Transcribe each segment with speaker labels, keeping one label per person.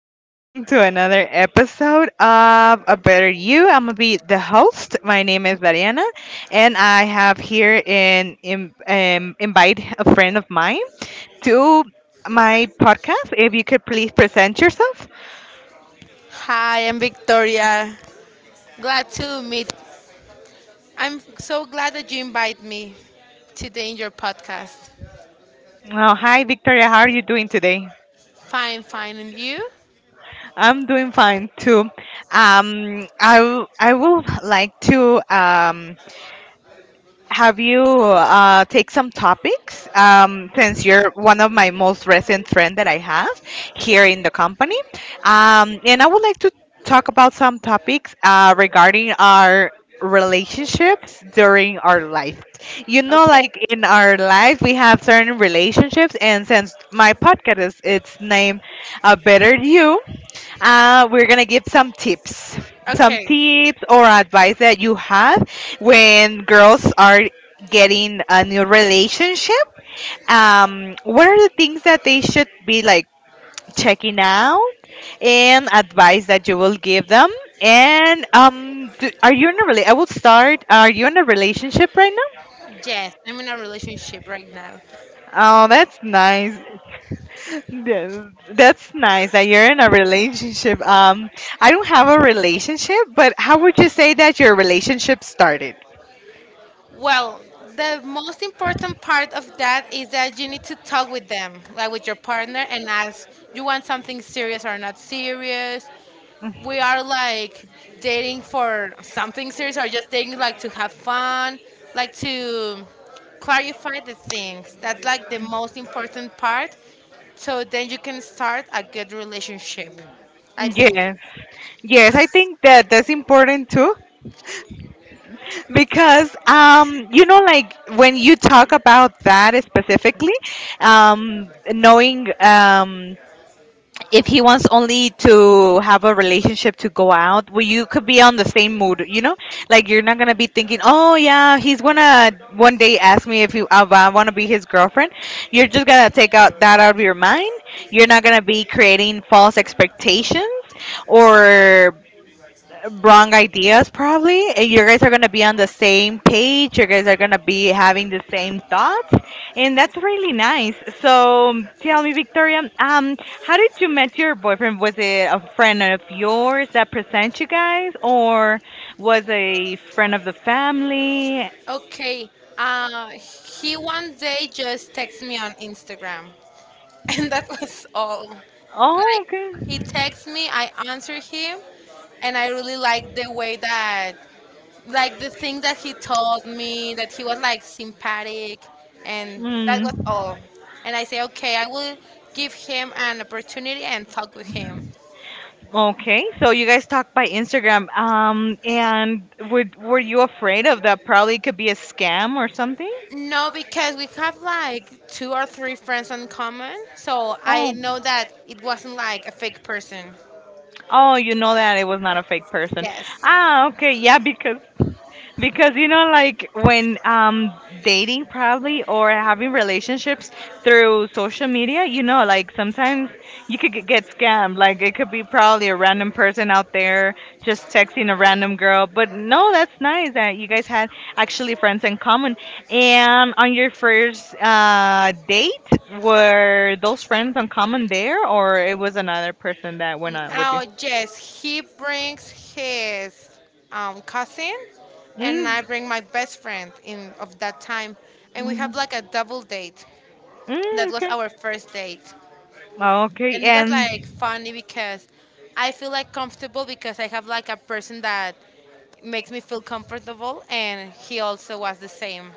Speaker 1: and welcome to another episode of A Better You. I'm gonna be the host. My name is Mariana, and I have here in invite a friend of mine to my podcast. If you could please present yourself.
Speaker 2: Hi, I'm Victoria. Glad to meet. I'm so glad that you invite me today in your podcast.
Speaker 1: Oh, hi, Victoria. How are you doing today?
Speaker 2: Fine, fine, and you?
Speaker 1: I'm doing fine too. I would like to have you take some topics since you're one of my most recent friend that I have here in the company, and I would like to talk about some topics regarding our relationships during our life. You know,
Speaker 2: Okay,
Speaker 1: like in our life, we have certain relationships, and since my podcast is it's named "A Better You." We're gonna give some tips,
Speaker 2: okay.
Speaker 1: or advice that you have when girls are getting a new relationship. What are the things that they should be like checking out, and advice that you will give them? And do, are you in a I will start. Are you in a relationship right?
Speaker 2: Yes, I'm in a relationship right now.
Speaker 1: Oh, that's nice. Th- That's nice that you're in a relationship. I don't have a relationship, but how would you say that your relationship started?
Speaker 2: Well, the most important part of that is that you need to talk with them, like with your partner, and ask, you want something serious or not serious? We are like dating for something serious or just dating like to have fun, like to clarify the things. That's like the most important part. So then you can start a good relationship, I think.
Speaker 1: Yes. Yes, I think that that's important too because you know like when you talk about that specifically knowing if he wants only to have a relationship to go out, well, you could be on the same mood, you know? Like you're not gonna be thinking, oh yeah, he's gonna one day ask me if I want to be his girlfriend. You're just gonna take out that out of your mind. You're not gonna be creating false expectations or wrong ideas probably, and you guys are going to be on the same page, you guys are going to be having the same thoughts, and that's really nice. So tell me, Victoria, how did you met your boyfriend? Was it a friend of yours that present you guys, or was a friend of the family?
Speaker 2: Okay, he one day just texted me on Instagram, and that was all.
Speaker 1: Oh,
Speaker 2: Like, he
Speaker 1: okay.
Speaker 2: texted me, I answered him, and I really liked the way that, like the thing that he told me, that he was like sympathetic, and that was
Speaker 1: Mm.
Speaker 2: all. And I say, okay, I will give him an opportunity and talk with him.
Speaker 1: Okay, so you guys talked by Instagram, and would, were you afraid of that probably could be a scam or something?
Speaker 2: No, because we have like two or three friends in common, so I
Speaker 1: Oh.
Speaker 2: know that it wasn't like a fake person.
Speaker 1: Oh, you know that it was not a fake person.
Speaker 2: Yes.
Speaker 1: Ah, okay, yeah, because you know like when dating probably or having relationships through social media, you know, like sometimes you could get scammed. Like it could be probably a random person out there just texting a random girl. But no, that's nice that you guys had actually friends in common. And on your first date, were those friends in common there, or it was another person that went out with you?
Speaker 2: Oh yes, he brings his cousin, and
Speaker 1: Mm,
Speaker 2: I bring my best friend in of that time, and we
Speaker 1: mhm.
Speaker 2: have like a double date.
Speaker 1: Mm,
Speaker 2: That was
Speaker 1: okay.
Speaker 2: our first date.
Speaker 1: Okay,
Speaker 2: And it was
Speaker 1: and
Speaker 2: like funny because I feel like comfortable because I have like a person that makes me feel comfortable, and he also was the same.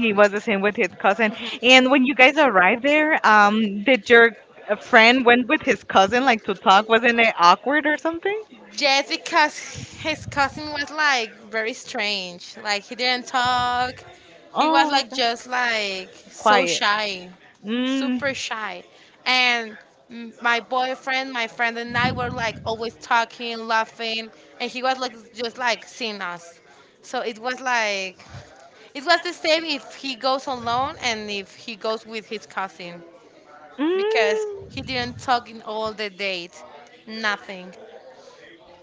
Speaker 1: he was the same with his cousin. And when you guys arrived there, did your friend went with his cousin like to talk? Wasn't it awkward or something?
Speaker 2: Just because his cousin was like very strange, like he didn't talk. He was
Speaker 1: Oh,
Speaker 2: like
Speaker 1: okay.
Speaker 2: just like so
Speaker 1: Quiet.
Speaker 2: shy,
Speaker 1: Mm.
Speaker 2: super shy, and my boyfriend, my friend, and I were like always talking, laughing, and he was like just like seeing us. So it was like, it was the same if he goes alone and if he goes with his cousin, because
Speaker 1: Mm.
Speaker 2: he didn't talk in all the date. Nothing.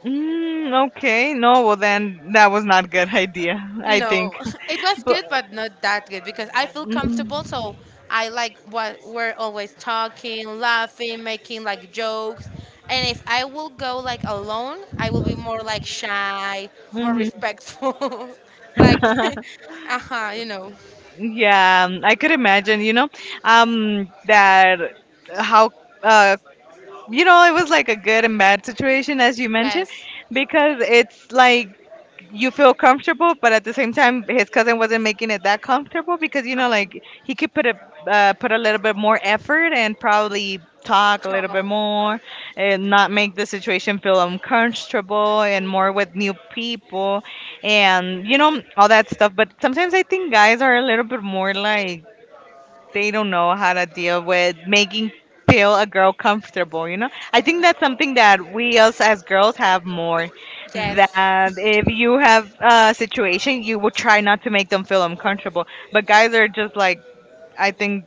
Speaker 1: Mm, okay. No, well then that was not a good idea, I think.
Speaker 2: No, it was
Speaker 1: But
Speaker 2: good, but not that good because I feel comfortable.
Speaker 1: mm,
Speaker 2: So I like what we're always talking, laughing, making like jokes. And if I will go like alone, I will be more like shy, more
Speaker 1: mhm.
Speaker 2: respectful. Like, uh huh, you know.
Speaker 1: Yeah, I could imagine, you know, that how, uh, you know, it was like a good and bad situation, as you mentioned,
Speaker 2: Yes.
Speaker 1: because it's like you feel comfortable, but at the same time, his cousin wasn't making it that comfortable because you know, like he could put a put a little bit more effort and probably talk a little bit
Speaker 2: Talk.
Speaker 1: more, and not make the situation feel uncomfortable, and more with new people, and you know all that stuff. But sometimes I think guys are a little bit more like they don't know how to deal with making feel a girl comfortable. You know, I think that's something that we us as girls have more,
Speaker 2: Yes.
Speaker 1: that if you have a situation you will try not to make them feel uncomfortable, but guys are just like, I think,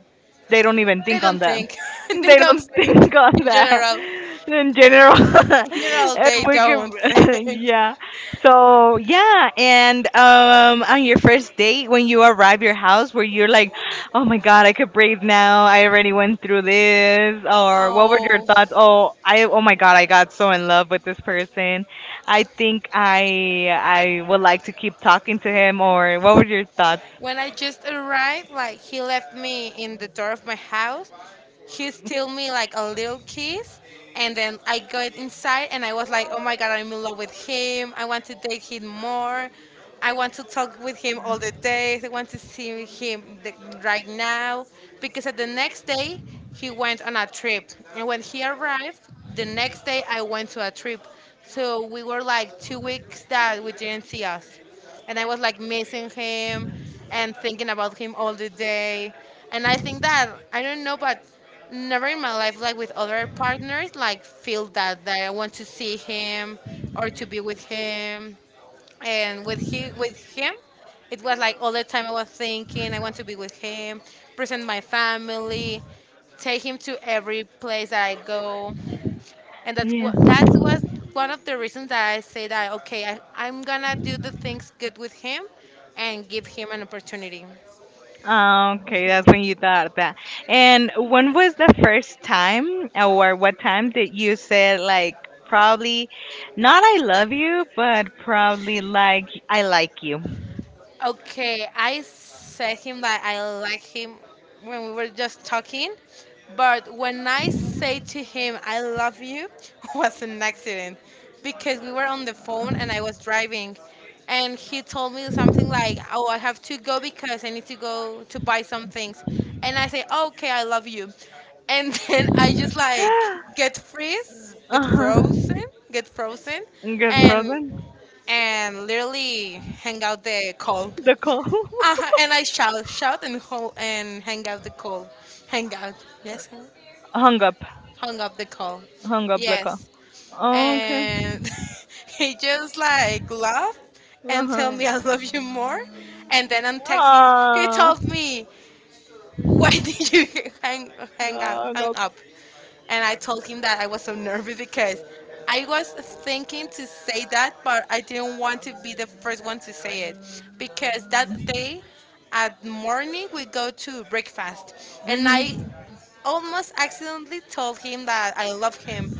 Speaker 1: they don't even
Speaker 2: They
Speaker 1: think on
Speaker 2: don't
Speaker 1: them.
Speaker 2: think. They
Speaker 1: They
Speaker 2: don't
Speaker 1: don't
Speaker 2: think
Speaker 1: think on
Speaker 2: in
Speaker 1: that
Speaker 2: general.
Speaker 1: in general.
Speaker 2: In general,
Speaker 1: And
Speaker 2: they
Speaker 1: we
Speaker 2: don't
Speaker 1: can-
Speaker 2: think.
Speaker 1: yeah. So yeah, and on your first date when you arrive your house, where you're like, oh my god, I could breathe now, I already went through this. Or what were your
Speaker 2: Oh.
Speaker 1: thoughts? Oh, I oh my god, I got so in love with this person. I think I would like to keep talking to him. Or what were your thoughts?
Speaker 2: When I just arrived, like he left me in the door of my house. He still me like a little kiss, and then I got inside and I was like, oh my god, I'm in love with him. I want to date him more. I want to talk with him all the days. I want to see him the, right now, because at the next day he went on a trip, and when he arrived, the next day I went to a trip. So we were like 2 weeks that we didn't see us, and I was like missing him and thinking about him all the day. And I think that, I don't know, but never in my life, like with other partners, like feel that I want to see him or to be with him. And with him, it was like all the time I was thinking, I want to be with him, present my family, take him to every place that I go, and that's
Speaker 1: Yeah.
Speaker 2: what that was one of the reasons that I say that, okay, I'm gonna do the things good with him, and give him an opportunity.
Speaker 1: Ah, okay, that's when you thought that. And when was the first time, or what time did you say like probably not I love you, but probably like I like you?
Speaker 2: Okay, I said him that I like him when we were just talking, but when I say to him I love you was an accident because we were on the phone and I was driving, and he told me something like, "Oh, I have to go because I need to go to buy some things." And I say, "Okay, I love you." And then I just like get freeze, get
Speaker 1: Uh huh.
Speaker 2: frozen, get frozen
Speaker 1: Good for
Speaker 2: and
Speaker 1: them.
Speaker 2: and literally hang out the call.
Speaker 1: The call.
Speaker 2: And I shout, shout, and hold and hang out the call. Hang out. Yes, hang,
Speaker 1: hung up,
Speaker 2: hung up the call.
Speaker 1: Hung up the call.
Speaker 2: Yes.
Speaker 1: Okay.
Speaker 2: And he just like laughed and tell
Speaker 1: Uh-huh.
Speaker 2: me I love you more. And then I'm texting, he
Speaker 1: Ah,
Speaker 2: told me, why did you hang hang out
Speaker 1: hung
Speaker 2: hang
Speaker 1: up.
Speaker 2: up and I told him that I was so nervous because I was thinking to say that, but I didn't want to be the first one to say it, because that day at morning we go to breakfast, and I
Speaker 1: Mhm.
Speaker 2: almost accidentally told him that I love him,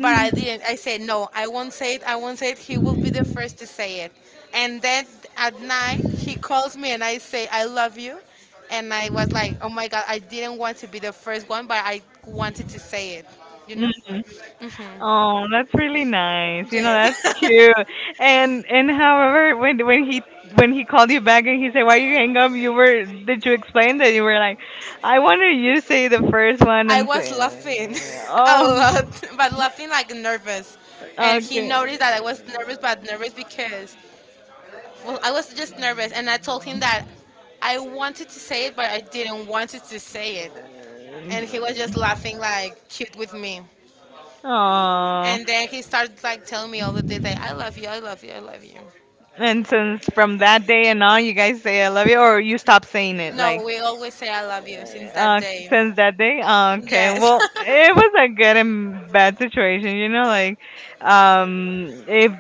Speaker 2: but I didn't. I said, no, I won't say it. I won't say it. He will be the first to say it. And then at night, he calls me and I say, I love you. And I was like, oh my God, I didn't want to be the first one, but I wanted to say it, you know?
Speaker 1: Mhm. Oh, that's really nice. You know, that's
Speaker 2: Yes.
Speaker 1: cute. And however, when when he called you back and he said, "Why you hang up?" You were, did you explain that you were like, "I wanted you to say the first one
Speaker 2: I
Speaker 1: and
Speaker 2: was
Speaker 1: say."
Speaker 2: laughing a
Speaker 1: Oh,
Speaker 2: lot, but laughing like nervous. And he
Speaker 1: okay.
Speaker 2: noticed that I was nervous, but nervous because, well, I was just nervous, and I told him that I wanted to say it, but I didn't want to say it. And he was just laughing like cute with me.
Speaker 1: Oh,
Speaker 2: And then he started like telling me all the day that I love you, I love you, I love you.
Speaker 1: and since from that day and on, you guys say "I love you," or you stop saying it,
Speaker 2: No,
Speaker 1: like?
Speaker 2: we always say I love you since that
Speaker 1: uh,
Speaker 2: day.
Speaker 1: since that day. Okay,
Speaker 2: Yes.
Speaker 1: well, it was a good and bad situation, you know, like if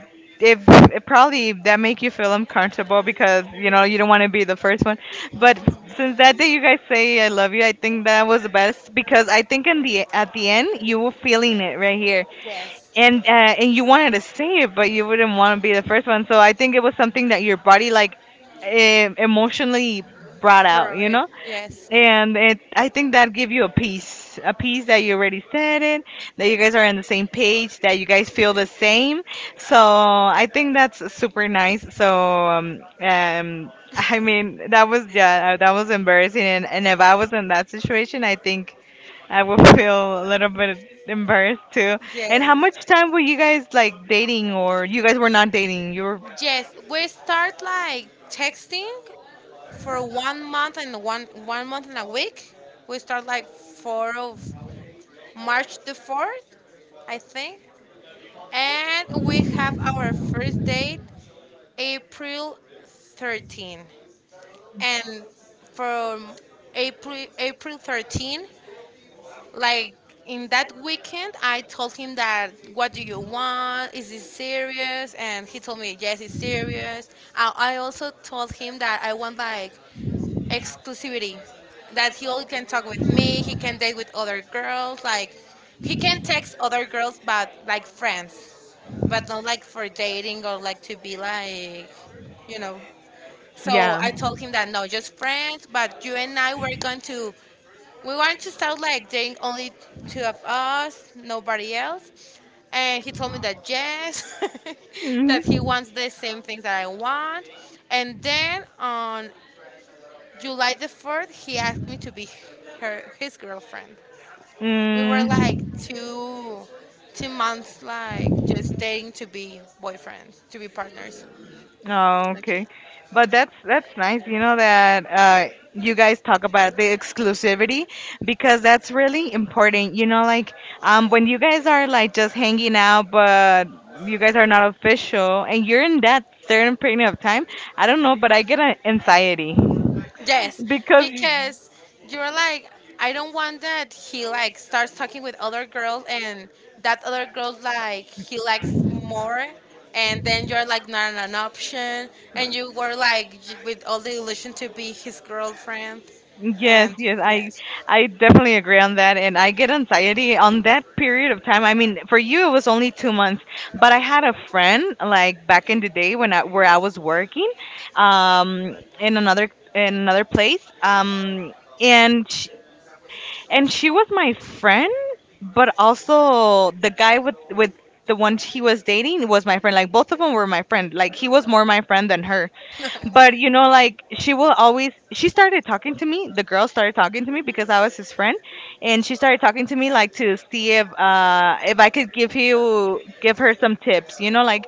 Speaker 1: it probably that make you feel uncomfortable because you know you don't want to be the first one, but since that day you guys say I love you, I think that was the best because I think in the at the end you were feeling it right here.
Speaker 2: Yes.
Speaker 1: And you wanted to say it, but you wouldn't want to be the first one. So I think it was something that your body like emotionally brought out,
Speaker 2: Throw
Speaker 1: you
Speaker 2: it.
Speaker 1: know,
Speaker 2: Yes.
Speaker 1: and it, I think that give you a peace that you already said it, that you guys are on the same page, that you guys feel the same. So I think that's super nice. So I mean that was yeah, that was embarrassing, and if I was in that situation, I think I would feel a little bit embarrassed too. And how
Speaker 2: Yes.
Speaker 1: much time were you guys like dating, or you guys were not dating? You were
Speaker 2: Yes. We start like texting for one month and one month and a week. We start like four of March the 4th, I think. And we have our first date April 13th. And from April thirteenth, like in that weekend, I told him, that what do you want? Is this serious? And he told me, yes, it's serious. I also told him that I want like exclusivity, that he only can talk with me. He can date with other girls, like he can text other girls but like friends, but not like for dating or like to be like, you know. So
Speaker 1: yeah.
Speaker 2: I told him that no, just friends, but you and I were going to, we want to start like dating only two of us, nobody else. And he told me that yes, that he
Speaker 1: Hmm.
Speaker 2: wants the same things that I want. And then on July the 4th, he asked me to be her his girlfriend. We were like two months like just dating to be boyfriends, to be partners.
Speaker 1: Oh,
Speaker 2: Okay.
Speaker 1: okay. But that's nice, you know, that you guys talk about the exclusivity because that's really important. You know, like when you guys are like just hanging out but you guys are not official and you're in that certain period of time, I don't know, but I get an anxiety.
Speaker 2: Yes,
Speaker 1: Because
Speaker 2: because you're like, I don't want that he like starts talking with other girls, and that other girls like he likes more, and then you're like not an option, and you were like with all the illusion to be his girlfriend,
Speaker 1: yes,
Speaker 2: and
Speaker 1: yes,
Speaker 2: yes,
Speaker 1: I definitely agree on that, and I get anxiety on that period of time. I mean, for you it was only 2 months, but I had a friend like back in the day when I where I was working, in another place, and and she was my friend, but also the guy with the one he was dating was my friend. Like both of them were my friend. Like he was more my friend than her,
Speaker 2: but
Speaker 1: but you know like she will always she started talking to me, the girl started talking to me because I was his friend, and she started talking to me like to see if I could give her some tips, you know, like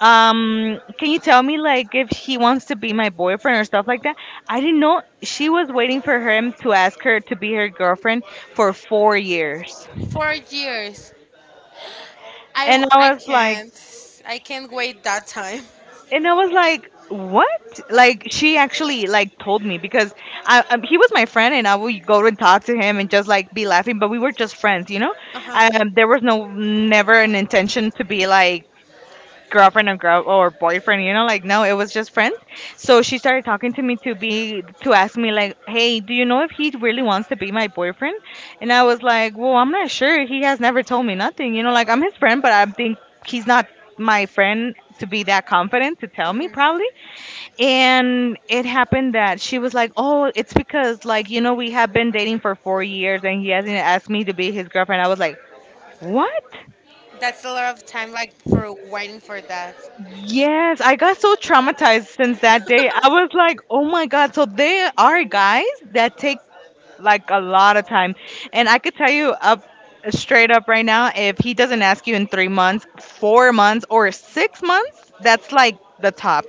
Speaker 1: can you tell me like if he wants to be my boyfriend or stuff like that? I didn't know she was waiting for him to ask her to be her girlfriend for 4 years.
Speaker 2: 4 years. Yeah, can
Speaker 1: and
Speaker 2: not I
Speaker 1: i was like
Speaker 2: can't. I can't wait that time.
Speaker 1: and I was like, "What?" Like she actually like told me because I, he was my friend, and I would go and talk to him and just like be laughing, but we were just friends, you know.
Speaker 2: Uh huh. Yeah.
Speaker 1: There was no never an intention to be like girlfriend or girl or boyfriend, you know, like, no, it was just friends. So she started talking to me to ask me like, hey, do you know if he really wants to be my boyfriend? And I was like, well, I'm not sure, he has never told me nothing, you know, like I'm his friend, but I think he's not my friend to be that confident to tell me probably. And it happened that she was like, oh, it's because like, you know, we have been dating for 4 years and he hasn't asked me to be his girlfriend. I was like, what?
Speaker 2: That's a lot of time, like for waiting for that.
Speaker 1: Yes, I got so traumatized since that day. I was like, oh my God. So there are guys that take like a lot of time. And I could tell you up straight up right now, if he doesn't ask you in 3 months, 4 months, or 6 months, that's like the top.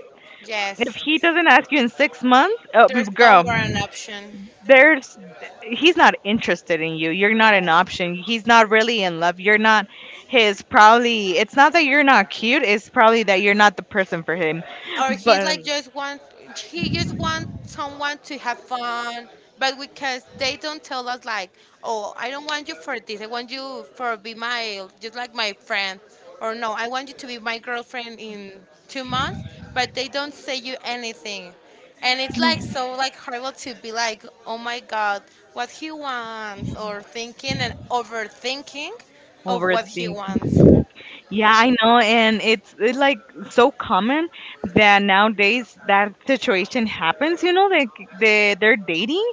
Speaker 1: If
Speaker 2: Yes.
Speaker 1: he doesn't ask you in 6 months,
Speaker 2: There's no
Speaker 1: girl,
Speaker 2: more an option.
Speaker 1: there's he's not interested in you. You're not an option. He's not really in love. You're not his probably. It's not that you're not cute, it's probably that you're not the person for him.
Speaker 2: Or he's
Speaker 1: But
Speaker 2: like just want, he just wants someone to have fun, but because they don't tell us like, oh, I don't want you for this. I want you for be my, just like my friend, or no, I want you to be my girlfriend in 2 months. But they don't say you anything, and it's like so like horrible to be like, oh my god, what he wants, or thinking and overthinking of what he
Speaker 1: overthinking
Speaker 2: wants.
Speaker 1: Yeah, I know, and like so common that nowadays that situation happens. You know, like they're dating,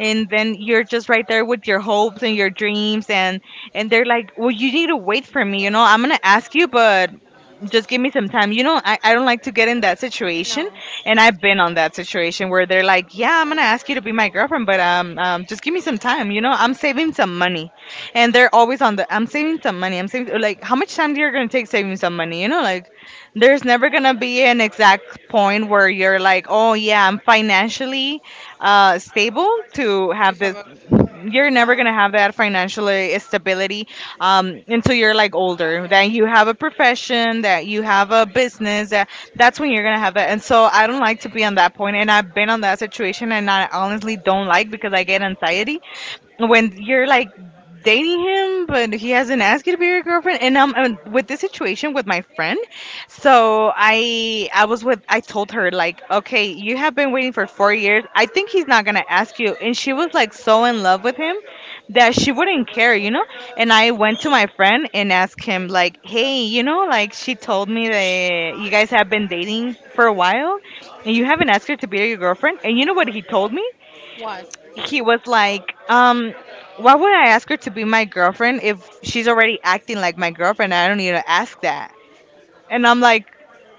Speaker 1: and then you're just right there with your hopes and your dreams, and they're like, well, you need to wait for me. You know, I'm gonna ask you, but just give me some time. You know, I don't like to get in that situation,
Speaker 2: No,
Speaker 1: and I've been on that situation where they're like, yeah, I'm gonna ask you to be my girlfriend, but just give me some time. You know, I'm saving some money. And they're always on the I'm saving some money, I'm saving. Like how much time you're gonna take saving some money? You know, like there's never gonna be an exact point where you're like, oh yeah, I'm financially stable to
Speaker 2: to
Speaker 1: have
Speaker 2: have
Speaker 1: this.
Speaker 2: a.
Speaker 1: You're never
Speaker 2: No.
Speaker 1: gonna have that financial stability until you're like older, that you have a profession, that you have a business, that that's when you're gonna have that. And so I don't like to be on that point, and I've been on that situation, and I honestly don't like because I get anxiety when you're like dating him but he hasn't asked you to be your girlfriend. And and with this situation with my friend, so I was with, I told her like, okay, you have been waiting for 4 years, I think he's not gonna ask you. And she was like so in love with him that she wouldn't care, you know. And I went to my friend and asked him like, hey, you know, like she told me that you guys have been dating for a while and you haven't asked her to be your girlfriend. And you know what he told me?
Speaker 2: What?
Speaker 1: He was like, um, why would I ask her to be my girlfriend if she's already acting like my girlfriend? I don't need to ask that. And I'm like,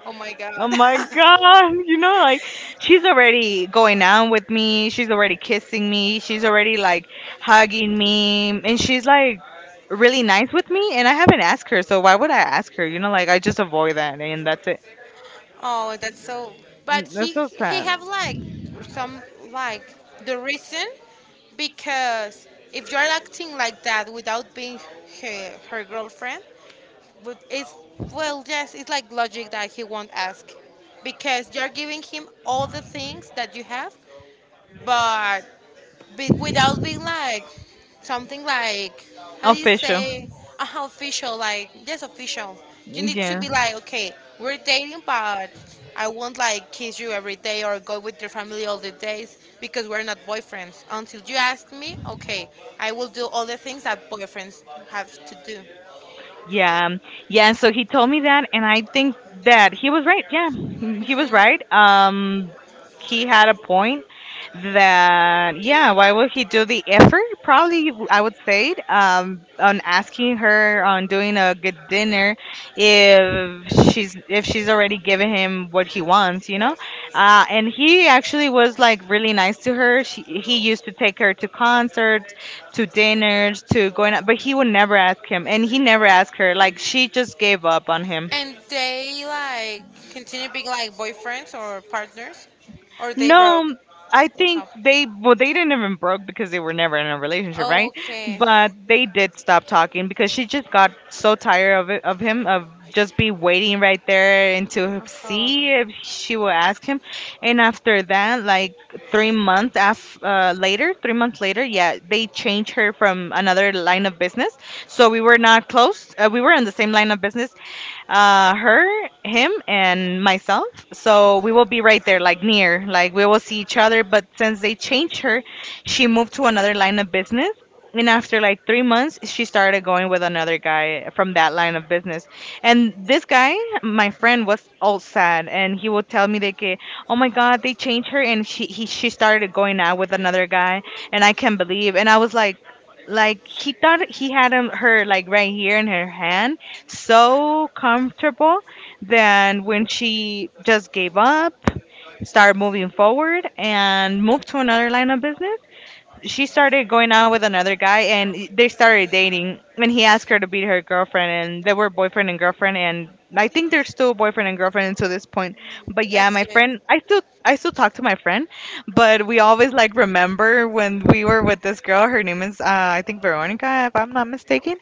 Speaker 2: Oh my
Speaker 1: oh
Speaker 2: God.
Speaker 1: my god, you know, like she's already going out with me, she's already kissing me, she's already like hugging me, and she's like really nice with me. And I haven't asked her, so why would I ask her? You know, like I just avoid that, and that's it.
Speaker 2: Oh, that's so. But
Speaker 1: Mm, that's
Speaker 2: he
Speaker 1: so
Speaker 2: he
Speaker 1: sad.
Speaker 2: have like some, like the reason, because if you're acting like that without being her girlfriend, but it's, well yes, it's like logic that he won't ask because you're giving him all the things that you have, but without being like something, like how do you
Speaker 1: Official.
Speaker 2: say, official, like just official. You need to
Speaker 1: Yeah.
Speaker 2: be like, okay, we're dating, but I won't like kiss you every day or go with your family all the days because we're not boyfriends until you ask me. Okay, I will do all the things that boyfriends have to do.
Speaker 1: Yeah, yeah. And so he told me that, and I think that he was right. Yeah, he was
Speaker 2: Mhm.
Speaker 1: right. He had a point that, yeah, why would he do the effort? Probably, I would say it, on asking her, on doing a good dinner, if she's already given him what he wants, you know. And he actually was like really nice to her. She, he used to take her to concerts, to dinners, to going out, but he would never ask him, and he never asked her. Like she just gave up on him.
Speaker 2: And they like continue being like boyfriends or partners, or they
Speaker 1: No,
Speaker 2: broke.
Speaker 1: um, I
Speaker 2: Broke
Speaker 1: think
Speaker 2: up.
Speaker 1: they, well, they didn't even broke because they were never in a relationship, right?
Speaker 2: Okay.
Speaker 1: But they did stop talking because she just got so tired of it, of him, of just be waiting right there and to
Speaker 2: Uh-huh.
Speaker 1: see if she will ask him. And after that, like later, 3 months later, yeah, they changed her from another line of business. So we were not close. We were in the same line of business, her, him, and myself. So we will be right there, like near, like we will see each other. But since they changed her, she moved to another line of business. And after like 3 months, she started going with another guy from that line of business. And this guy, my friend, was all sad, and he would tell me that, "Oh my God, they changed her, and she started going out with another guy, and I can't believe." And I was like he thought he had her like right here in her hand, so comfortable that when she just gave up, started moving forward, and moved to another line of business, she started going out with another guy, and they started dating, and he asked her to be her girlfriend, and they were boyfriend and girlfriend. And I think they're still boyfriend and girlfriend until this point. But yeah,
Speaker 2: That's
Speaker 1: my
Speaker 2: good.
Speaker 1: friend, I still talk to my friend, but we always like remember when we were with this girl. Her name is I think Veronica, if I'm not mistaken.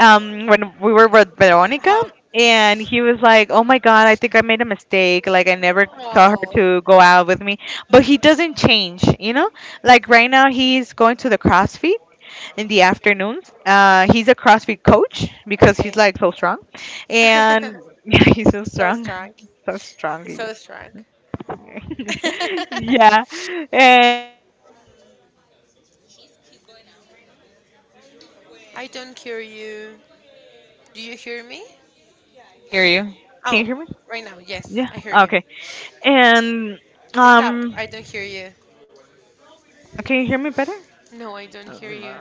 Speaker 1: When we were with Veronica,
Speaker 2: Uh-huh.
Speaker 1: and he was like, "Oh my god, I think I made a mistake. Like I never saw her
Speaker 2: Oh,
Speaker 1: to go out with me." But he doesn't change, you know? Like right now, he's going to the CrossFit in the afternoons. He's a CrossFit coach because he's
Speaker 2: okay.
Speaker 1: like so strong, and yeah, he's so
Speaker 2: So
Speaker 1: strong,
Speaker 2: strong.
Speaker 1: so strong. He is.
Speaker 2: So strong.
Speaker 1: Yeah, and he's going out right now
Speaker 2: I
Speaker 1: with.
Speaker 2: don't hear you. Do you hear me?
Speaker 1: Yeah. I hear you. Can you
Speaker 2: Oh,
Speaker 1: hear me?
Speaker 2: right now. Yes,
Speaker 1: Yeah.
Speaker 2: I hear you.
Speaker 1: Okay. And
Speaker 2: Stop.
Speaker 1: um,
Speaker 2: I don't hear you.
Speaker 1: can you hear me better?
Speaker 2: No, I don't hear
Speaker 1: Um,
Speaker 2: you.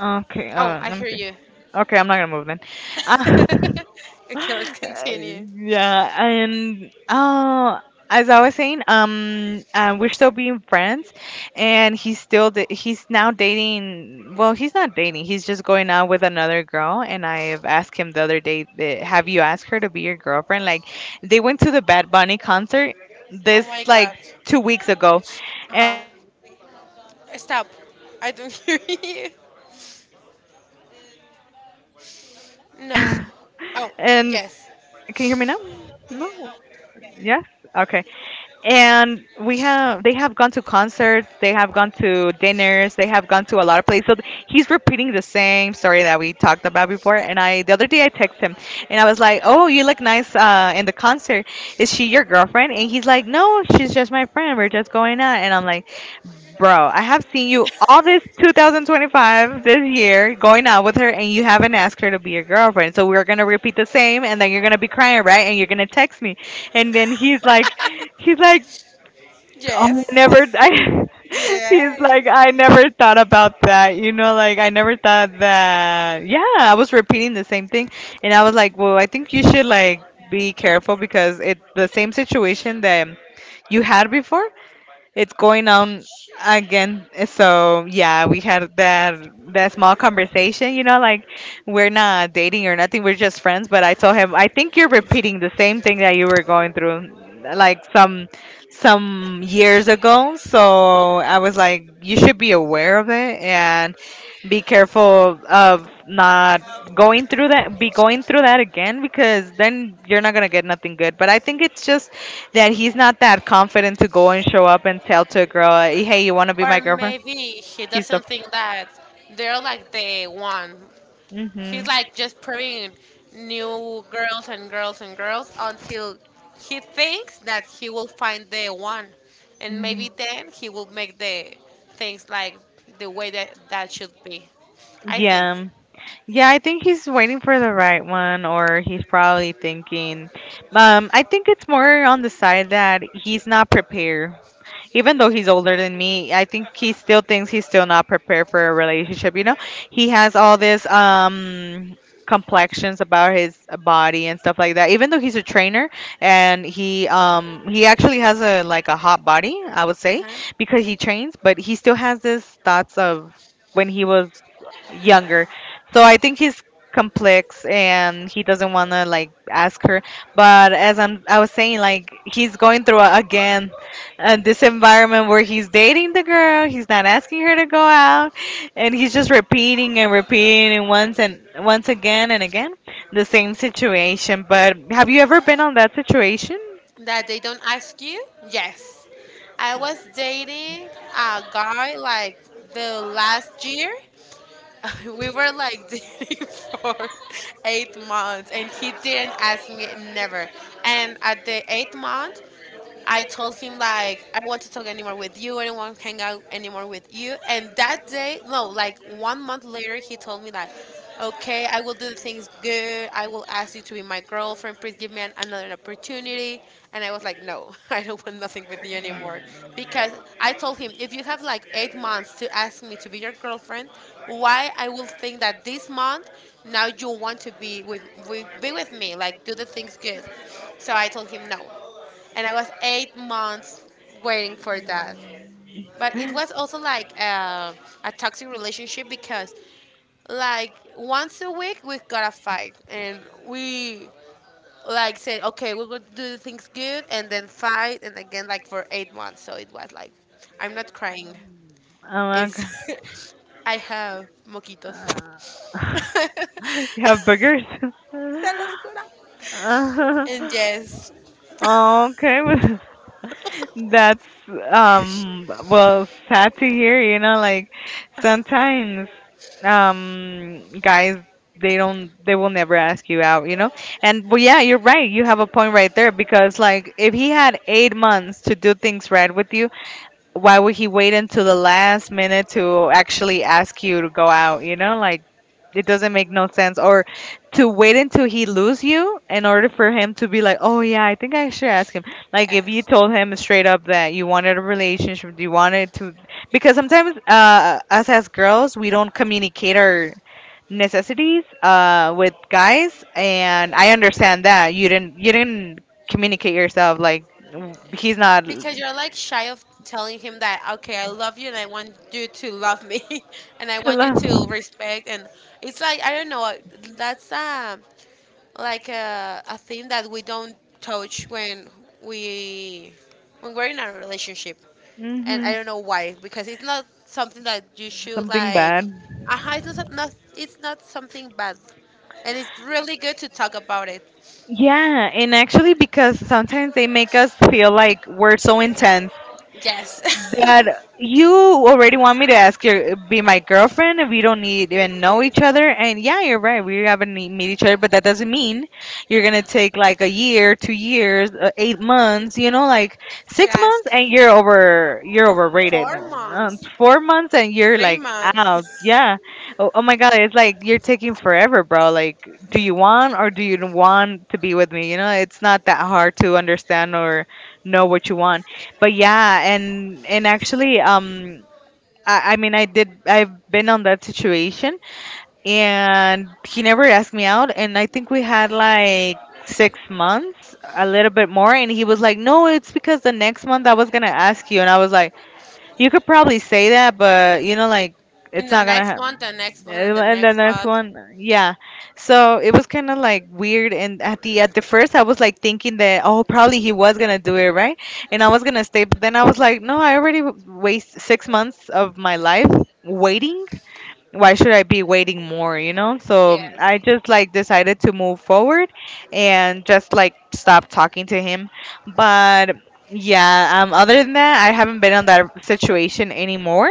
Speaker 1: Okay.
Speaker 2: Oh, I
Speaker 1: Let me
Speaker 2: hear
Speaker 1: see.
Speaker 2: you.
Speaker 1: Okay, I'm not gonna move then. Uh,
Speaker 2: Okay, let's
Speaker 1: Uh,
Speaker 2: continue.
Speaker 1: yeah, and as I was saying, we're still being friends, and he's still he's now dating. Well, he's not dating. He's just going out with another girl. And I've asked him the other day, that, "Have you asked her to be your girlfriend?" Like, they went to the Bad Bunny concert
Speaker 2: Oh
Speaker 1: this
Speaker 2: my
Speaker 1: like
Speaker 2: god.
Speaker 1: 2 weeks ago,
Speaker 2: Uh-huh.
Speaker 1: and they have gone
Speaker 2: Stop.
Speaker 1: to.
Speaker 2: I don't hear you.
Speaker 1: And can you hear me now?
Speaker 2: No.
Speaker 1: No.
Speaker 2: Oh, yes.
Speaker 1: Yes. Okay. And we have they have gone to concerts, they have gone to dinners, they have gone to a lot of places. So he's repeating the same story that we talked about before. And I, the other day, I texted him and I was like, oh, you look nice in the concert. Is she your girlfriend? And he's like, no, she's just my friend, we're just going out. And I'm like, bro, I have seen you all this 2025, this year, going out with her, and you haven't asked her to be your girlfriend. So we're gonna repeat the same, and then you're gonna be crying, right? And you're gonna text me. And then he's like, he's like, oh, I never,
Speaker 2: Yes.
Speaker 1: I, he's like,
Speaker 2: Yes.
Speaker 1: I never thought about that. You know, like I never thought that. Yeah, I was repeating the same thing. And I was like, well, I think you should like be careful because it's the same situation that you had before, it's going on again. So yeah, we had that that small conversation. You know, like we're not dating or nothing. We're just friends. But I told him, I think you're repeating the same thing that you were going through, like some years ago. So I was like, you should be aware of it and be careful of not going through that be going through that again, because then you're not going to get nothing good. But I think it's just that he's not that confident to go and show up and tell to a girl, "Hey, you want to be my
Speaker 2: Or
Speaker 1: girlfriend?"
Speaker 2: maybe he
Speaker 1: He's the.
Speaker 2: doesn't think that they're like the one. He's
Speaker 1: Mhm.
Speaker 2: like just proving new girls and girls and girls until he thinks that he will find the one. And
Speaker 1: Mhm.
Speaker 2: maybe then he will make the things like the way that should be. I think.
Speaker 1: Yeah. Yeah, I think he's waiting for the right one, or he's probably thinking, I think it's more on the side that he's not prepared. Even though he's older than me, I think he still thinks he's still not prepared for a relationship. You know, he has all this complexions about his body and stuff like that. Even though he's a trainer, and he actually has a like a hot body, I would say,
Speaker 2: Huh?
Speaker 1: because he trains, but he still has this thoughts of when he was younger. So I think he's complex, and he doesn't want to like ask her. But as I was saying, like he's going through a, again, and this environment where he's dating the girl, he's not asking her to go out, and he's just repeating and repeating and once again and again the same situation. But have you ever been on that situation?
Speaker 2: That they don't ask you? Yes. I was dating a guy like the last year. We were like dating for 8 months, and he didn't ask me, never. And at the eighth month, I told him, like, I don't want to talk anymore with you, I don't want to hang out anymore with you. And that day, no, like one month later, he told me that, okay, I will do the things good. I will ask you to be my girlfriend. Please give me another opportunity. And I was like, no, I don't want nothing with you anymore. Because I told him, if you have like 8 months to ask me to be your girlfriend, why I will think that this month now you want to be with be with me, like do the things good. So I told him no, and I was 8 months waiting for that. But it was also like a toxic relationship because like once a week we gotta fight, and we like said, okay, we're gonna do things good, and then fight and again, like for 8 months. So it was like, I'm not crying.
Speaker 1: Oh my god.
Speaker 2: It's I have moquitos.
Speaker 1: Uh, you have boogers?
Speaker 2: Se los juro.
Speaker 1: Uh,
Speaker 2: And yes.
Speaker 1: Oh, okay. That's well, sad to hear, you know, like sometimes guys, they don't, they will never ask you out, you know? And but yeah, you're right. You have a point right there because, like, if he had 8 months to do things right with you, why would he wait until the last minute to actually ask you to go out, like it doesn't make no sense? Or to wait until he lose you in order for him to be like, oh yeah, I think I should ask him. Like if you
Speaker 2: Yes,
Speaker 1: told him straight up that you wanted a relationship, you wanted to— because sometimes us as girls, we don't communicate our necessities with guys. And I understand that you didn't communicate yourself, like he's not to
Speaker 2: because you're like shy of telling him that, okay, I love you and I want you to love me, and I want you
Speaker 1: love.
Speaker 2: to respect, and it's like, I don't know. That's like a thing that we don't touch when we when we're in a relationship, and
Speaker 1: Hmm.
Speaker 2: I don't know why, because it's not something that you should
Speaker 1: Something
Speaker 2: like,
Speaker 1: bad.
Speaker 2: it's not, it's not something bad, and it's really good to talk about it.
Speaker 1: Yeah, and actually, because sometimes they make us feel like we're so intense
Speaker 2: Yes.
Speaker 1: that you already want me to ask you be my girlfriend and we don't need even know each other. And yeah, you're right, we haven't meet each other, but that doesn't mean you're gonna take like a year, 2 years, 8 months, like
Speaker 2: To
Speaker 1: six
Speaker 2: ask.
Speaker 1: months and you're overrated.
Speaker 2: four
Speaker 1: Um,
Speaker 2: months
Speaker 1: 4 months and you're
Speaker 2: three
Speaker 1: like
Speaker 2: months
Speaker 1: out, yeah. Oh my god, it's like you're taking forever, bro. Like, do you want or do you want to be with me? It's not that hard to understand, or know what you want. But yeah, and actually, I mean, I've been on that situation, and he never asked me out, and I think we had like 6 months, a little bit more. And he was like, no, it's because the next month I was gonna ask you. And I was like, you could probably say that, but like
Speaker 2: In
Speaker 1: it's
Speaker 2: the
Speaker 1: not gonna
Speaker 2: next
Speaker 1: happen.
Speaker 2: month, the next month, and the
Speaker 1: And the
Speaker 2: next
Speaker 1: next
Speaker 2: month.
Speaker 1: one, yeah. So it was kind of like weird. And at the first, I was like thinking that, oh, probably he was gonna do it right, and I was gonna stay. But then I was like, no, I already waste 6 months of my life waiting. Why should I be waiting more, you know? So
Speaker 2: Yes.
Speaker 1: I just like decided to move forward and just like stop talking to him. But yeah, other than that, I haven't been in that situation anymore.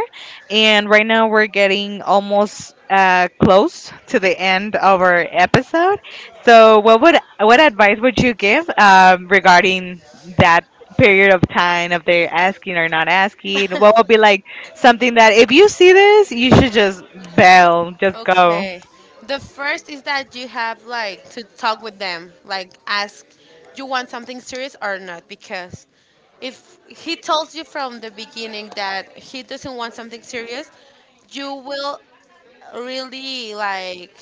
Speaker 1: And right now we're getting almost close to the end of our episode. So what advice would you give, regarding that period of time of they're asking or not asking? What would be like something that if you see this, you should just bail, just go.
Speaker 2: Okay. The first is that you have like to talk with them, like ask, you want something serious or not, because if he tells you from the beginning that he doesn't want something serious, you will really like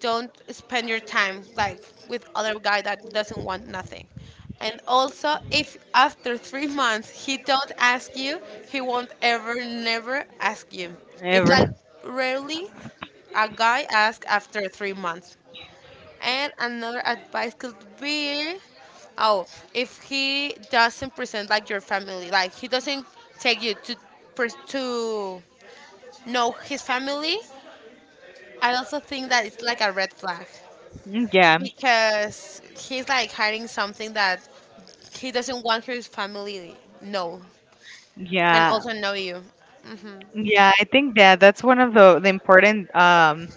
Speaker 2: don't spend your time like with other guy that doesn't want nothing. And also, if after 3 months he don't ask you, he won't ever never ask you. It's like
Speaker 1: Ever.
Speaker 2: rarely a guy asks after 3 months. And another advice could be, oh, if he doesn't present like your family, like he doesn't take you to to know his family, I also think that it's like a red flag,
Speaker 1: Yeah,
Speaker 2: because he's like hiding something that he doesn't want his family know and
Speaker 1: yeah,
Speaker 2: also know you.
Speaker 1: yeah. I think that that's one of the important,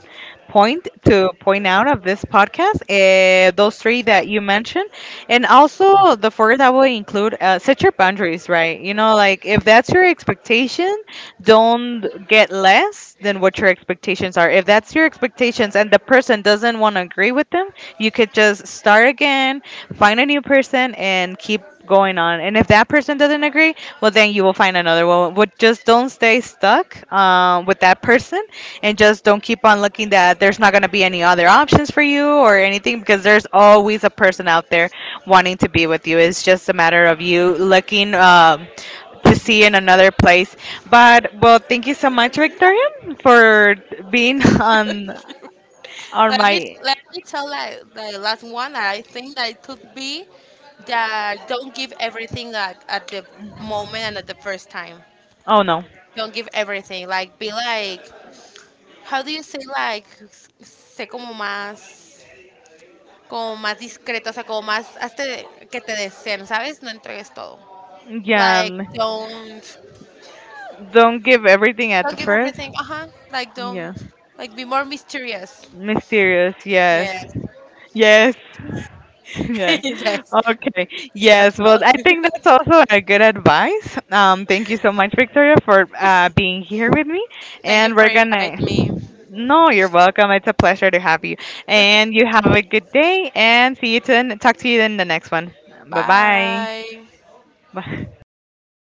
Speaker 1: point to point out of this podcast. Those three that you mentioned, and also the fourth I will include, set your boundaries, right? You know, like if that's your expectation, don't get less than what your expectations are. If that's your expectations and the person doesn't want to agree with them, you could just start again, find a new person, and keep going on. And if that person doesn't agree, well, then you will find another one. But just don't stay stuck, with that person, and just don't keep on looking that there's not going to be any other options for you or anything, because there's always a person out there wanting to be with you. It's just a matter of you looking. To see in another place. But well, thank you so much, Victoria, for being on my.
Speaker 2: Let me tell like the last one that I think that it could be, that don't give everything like at the moment and at the first time.
Speaker 1: Oh no,
Speaker 2: Don't give everything. Like be like, how do you say, like sé como más discreto, o sea, como más hazte que te deseen, ¿sabes? No entregues todo. Like
Speaker 1: yeah.
Speaker 2: don't.
Speaker 1: Don't give everything at the
Speaker 2: Don't give
Speaker 1: first.
Speaker 2: everything. Uh huh. Like
Speaker 1: Yeah.
Speaker 2: don't, like be more mysterious.
Speaker 1: Mysterious, yes.
Speaker 2: Yes.
Speaker 1: Yes. Yeah.
Speaker 2: Yes.
Speaker 1: Okay.
Speaker 2: That's
Speaker 1: Yes. Well,
Speaker 2: all.
Speaker 1: I think that's also a good advice. Thank you so much, Victoria, for being here with me.
Speaker 2: Thank you
Speaker 1: And
Speaker 2: for
Speaker 1: we're gonna.
Speaker 2: inviting me.
Speaker 1: No, you're welcome. It's a pleasure to have you. And you have a good day. And see you, to talk to you in the next one. Bye bye.
Speaker 2: Bye.
Speaker 1: Bye.